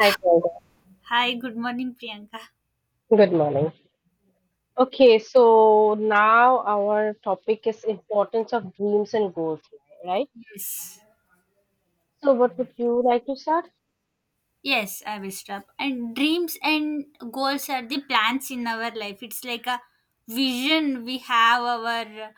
Hi, Priyanka. Hi, good morning, Priyanka. Good morning. Okay, so now our topic is importance of dreams and goals, right? Yes. So, what would you like to start? Yes, I will stop. And dreams and goals are the plans in our life. It's like a vision we have our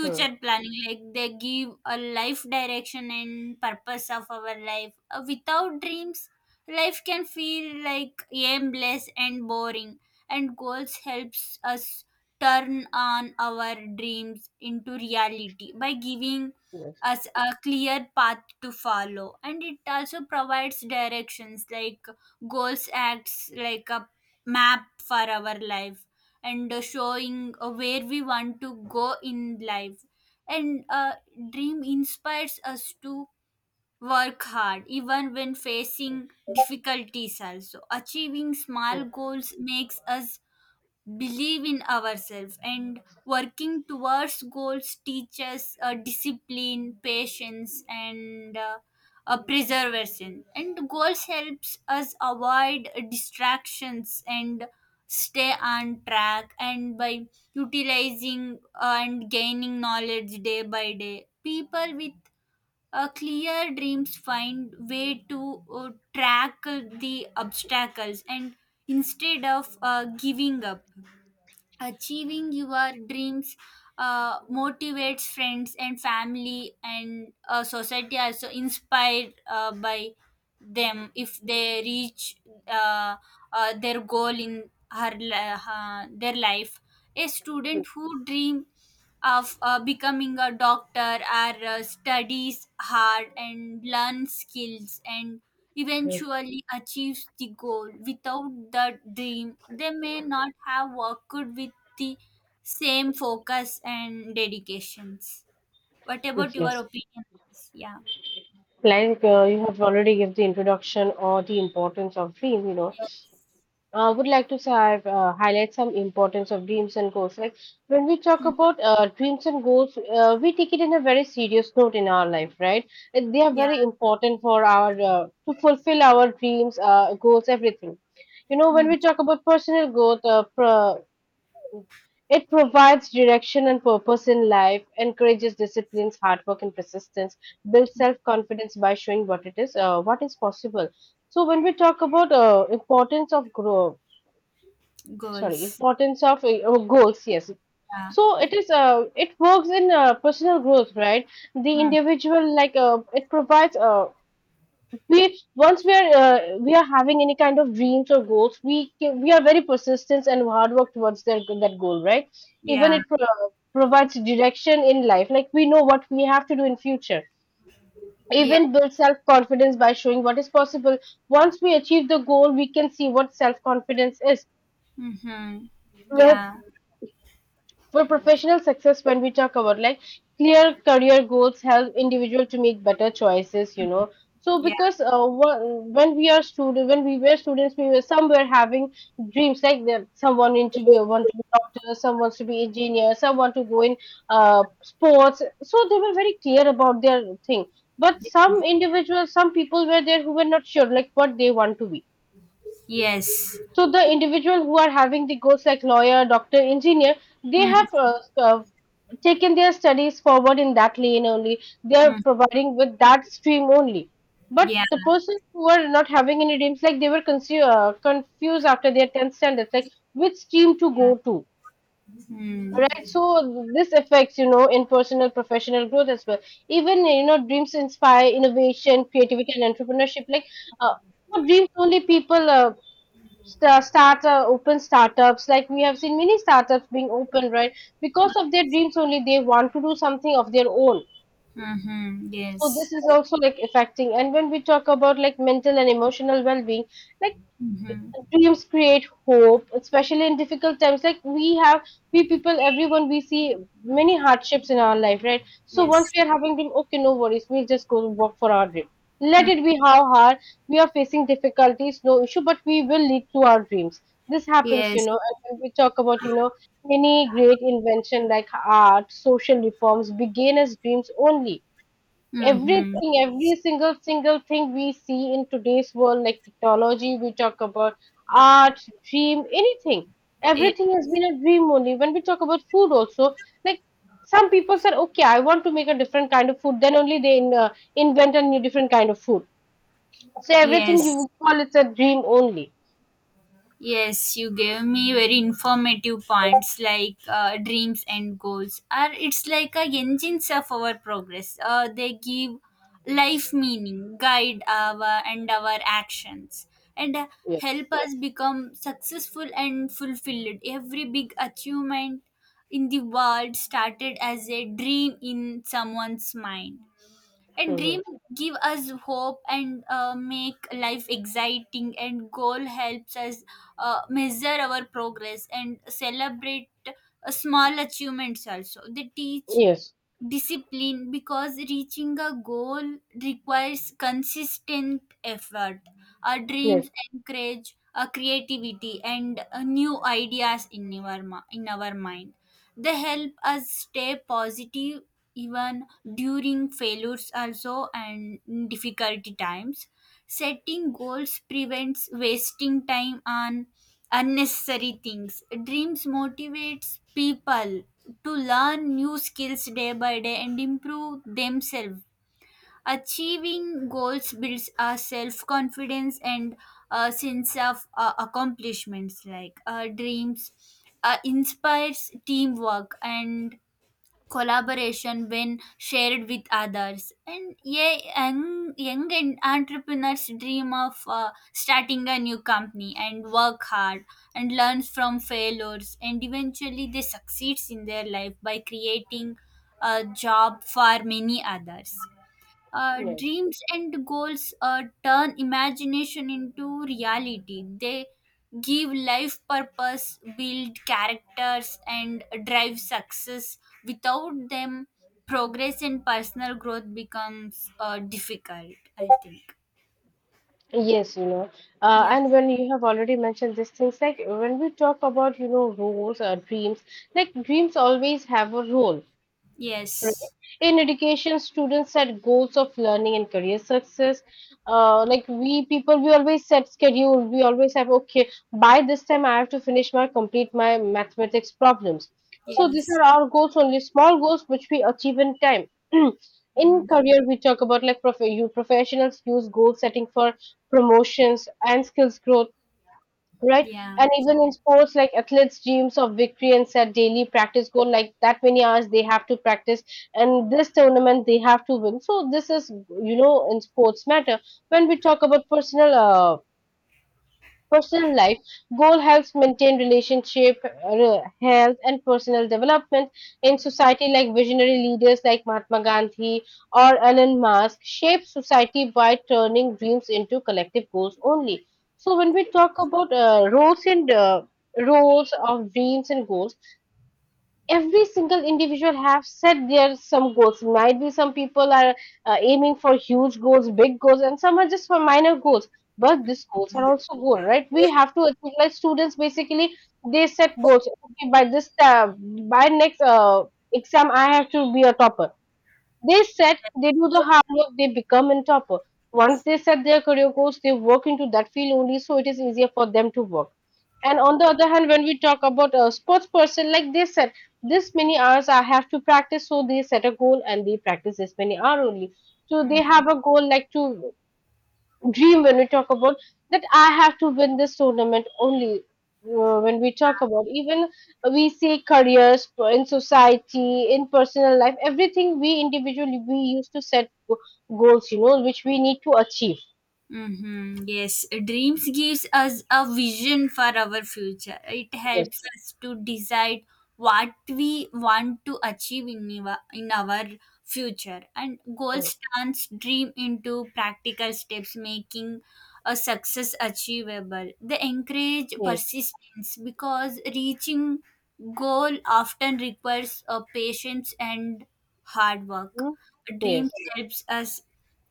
Hmm. planning. Like they give a life direction and purpose of our life. Without dreams, life can feel like aimless and boring. And goals helps us turn on our dreams into reality by giving Yes. as a clear path to follow, and it also provides directions like goals acts like a map for our life, and showing where we want to go in life, and dream inspires us to work hard even when facing difficulties. Also, achieving small goals makes us believe in ourselves, and working towards goals teaches discipline, patience, and preservation. And goals helps us avoid distractions and stay on track, and by utilizing and gaining knowledge day by day, people with clear dreams find way to tackle the obstacles, and instead of giving up, achieving your dreams motivates friends and family, and society also inspired by them if they reach uh, their goal in their life. A student who dream of becoming a doctor or studies hard and learn skills, and Okay. eventually achieves the goal. Without the dream, they may not have worked with the same focus and dedications. What about your Yes. opinion? Yeah. Like you have already given the introduction or the importance of dream. Yes. I would like to have, highlight some importance of dreams and goals. Like when we talk Mm. about dreams and goals, we take it in a very serious note in our life, right? And they are Yeah. very important for our to fulfill our dreams, goals, everything. When Mm. we talk about personal growth, it provides direction and purpose in life, encourages disciplines, hard work, and persistence. Builds self confidence by showing what is possible. So when we talk about importance of growth, sorry, Goals. importance of goals. Yes, Yeah. so it works in personal growth, right? The Mm. individual, like, it provides we once we are we are having any kind of dreams or goals. We are very persistent and hard work towards that that goal, right? Even Yeah. it provides direction in life, like we know what we have to do in future. Yeah. Even build self confidence by showing what is possible. Once we achieve the goal, we can see what self confidence Mm-hmm. is. Yeah. For professional success, when we talk about like clear career goals help individual to make better choices. So Yeah. because when we were students, we were some were having dreams like that someone into be want to be doctor, some wants to be engineer, some want to go in sports. So they were very clear about their thing. But some individuals, some people were there who were not sure like what they want to be. Yes. So the individual who are having the goals like lawyer, doctor, engineer, they have Mm-hmm. Taken their studies forward in that lane only. They are providing with that stream only. But Yeah. the persons who are not having any dreams, like they were confused after their 10th standard, like which stream to Yeah. go to. Mm. Right, so this affects in personal professional growth as well. Even dreams inspire innovation, creativity, and entrepreneurship. Like uh, for dreams only people startup open startups, like we have seen many startups being open, right? Because of their dreams only, they want to do something of their own. Mm-hmm. So this Yes. is also like affecting, and when we talk about like mental and emotional well-being, like Mm-hmm. dreams create hope, especially in difficult times. Like we people, everyone, we see many hardships in our life, right? So once Yes. we are having dream, okay, no worries, we'll just go work for our dream. Let Mm. it be how hard we are facing difficulties, no issue, but we will lead to our dreams. This happens, Yes. And when we talk about, many great invention like art, social reforms began as dreams only. Mm-hmm. Everything, every single thing we see in today's world, like technology, we talk about art, dream, anything, Yes. everything has been a dream only. When we talk about food also, like some people said okay I want to make a different kind of food, then only they invent a new different kind of food. So everything Yes. you call it's a dream only. Yes, you gave me very informative points like dreams and goals. Are it's like a engines of our progress. They give life meaning, guide our and our actions, and Yes. help us become successful and fulfilled. Every big achievement in the world started as a dream in someone's mind, and Hmm. dream give us hope, and make life exciting. And goal helps us measure our progress and celebrate small achievements. Also, they teach Yes. discipline because reaching a goal requires consistent effort. Our Yes. dreams encourage our creativity and new ideas in in our mind. They help us stay positive even during failures also and difficulty times. Setting goals prevents wasting time on unnecessary things. Dreams motivates people to learn new skills day by day and improve themselves. Achieving goals builds our self confidence and a sense of accomplishments. Like dreams inspires teamwork and collaboration when shared with others. And yeah, entrepreneurs dream of starting a new company and work hard, and learns from failures, and eventually they succeeds in their life by creating a job for many others. Yes. Dreams and goals turn imagination into reality. They give life purpose, build characters, and drive success. Without them, progress and personal growth becomes difficult, I think. Yes, Yeah. and when you have already mentioned these things, like when we talk about, roles or dreams, like dreams always have a role, right? Yes. In education, students set goals of learning and career success. Like we people, we always set schedule. We always have okay by this time I have to finish my complete my mathematics problems. So these Yes. are our goals only, small goals which we achieve in time. Mm. In career, we talk about like prof- you professionals use goal setting for promotions and skills growth, right? Yeah. And even in sports, like athletes dreams of victory and set daily practice goal, like that many hours they have to practice, and this tournament they have to win. So this is, in sports matter. When we talk about personal life, goal helps maintain relationship, health, and personal development in society. Like visionary leaders like Mahatma Gandhi or Elon Musk shape society by turning dreams into collective goals only. So when we talk about roles and roles of dreams and goals, every single individual have set their some goals. Might be some people are aiming for huge goals, big goals, and some are just for minor goals. But these goals are also goal, right? We have to achieve. Like students basically they set goals, okay, by this by next exam I have to be a topper. They do the hard work, they become on top. Once they set their career goals, they work into that field only, so it is easier for them to work. And on the other hand, when we talk about a sports person, like they said, this many hours I have to practice, so they set a goal and they practice this many hours only. So they Mm. have a goal like to dream when we talk about that I have to win this tournament only. When we talk about, even we say careers in society in personal life everything we individually we used to set goals, which we need to achieve. Mm-hmm. Yes, dreams gives us a vision for our future. It Yes. helps us to decide what we want to achieve in our future. And Mm. goals turns dream into practical steps, making a success achievable. They encourage Yes. persistence because reaching goal often requires a patience and hard work. Mm. Dreams Yes. helps us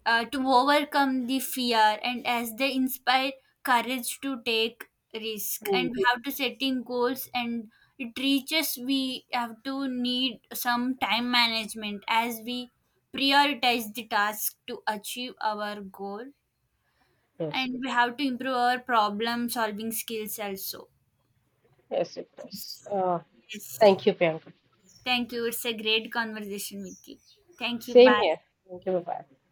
to overcome the fear, and as they inspire courage to take risk. Mm. And we have to setting goals, and it reaches we have to need some time management as we prioritize the task to achieve our goal, Yes. and we have to improve our problem solving skills also. Yes, it does. Thank you, Priyanka. Thank you, it's a great conversation with you. Thank you, Same bye. here. Thank you. Bye bye.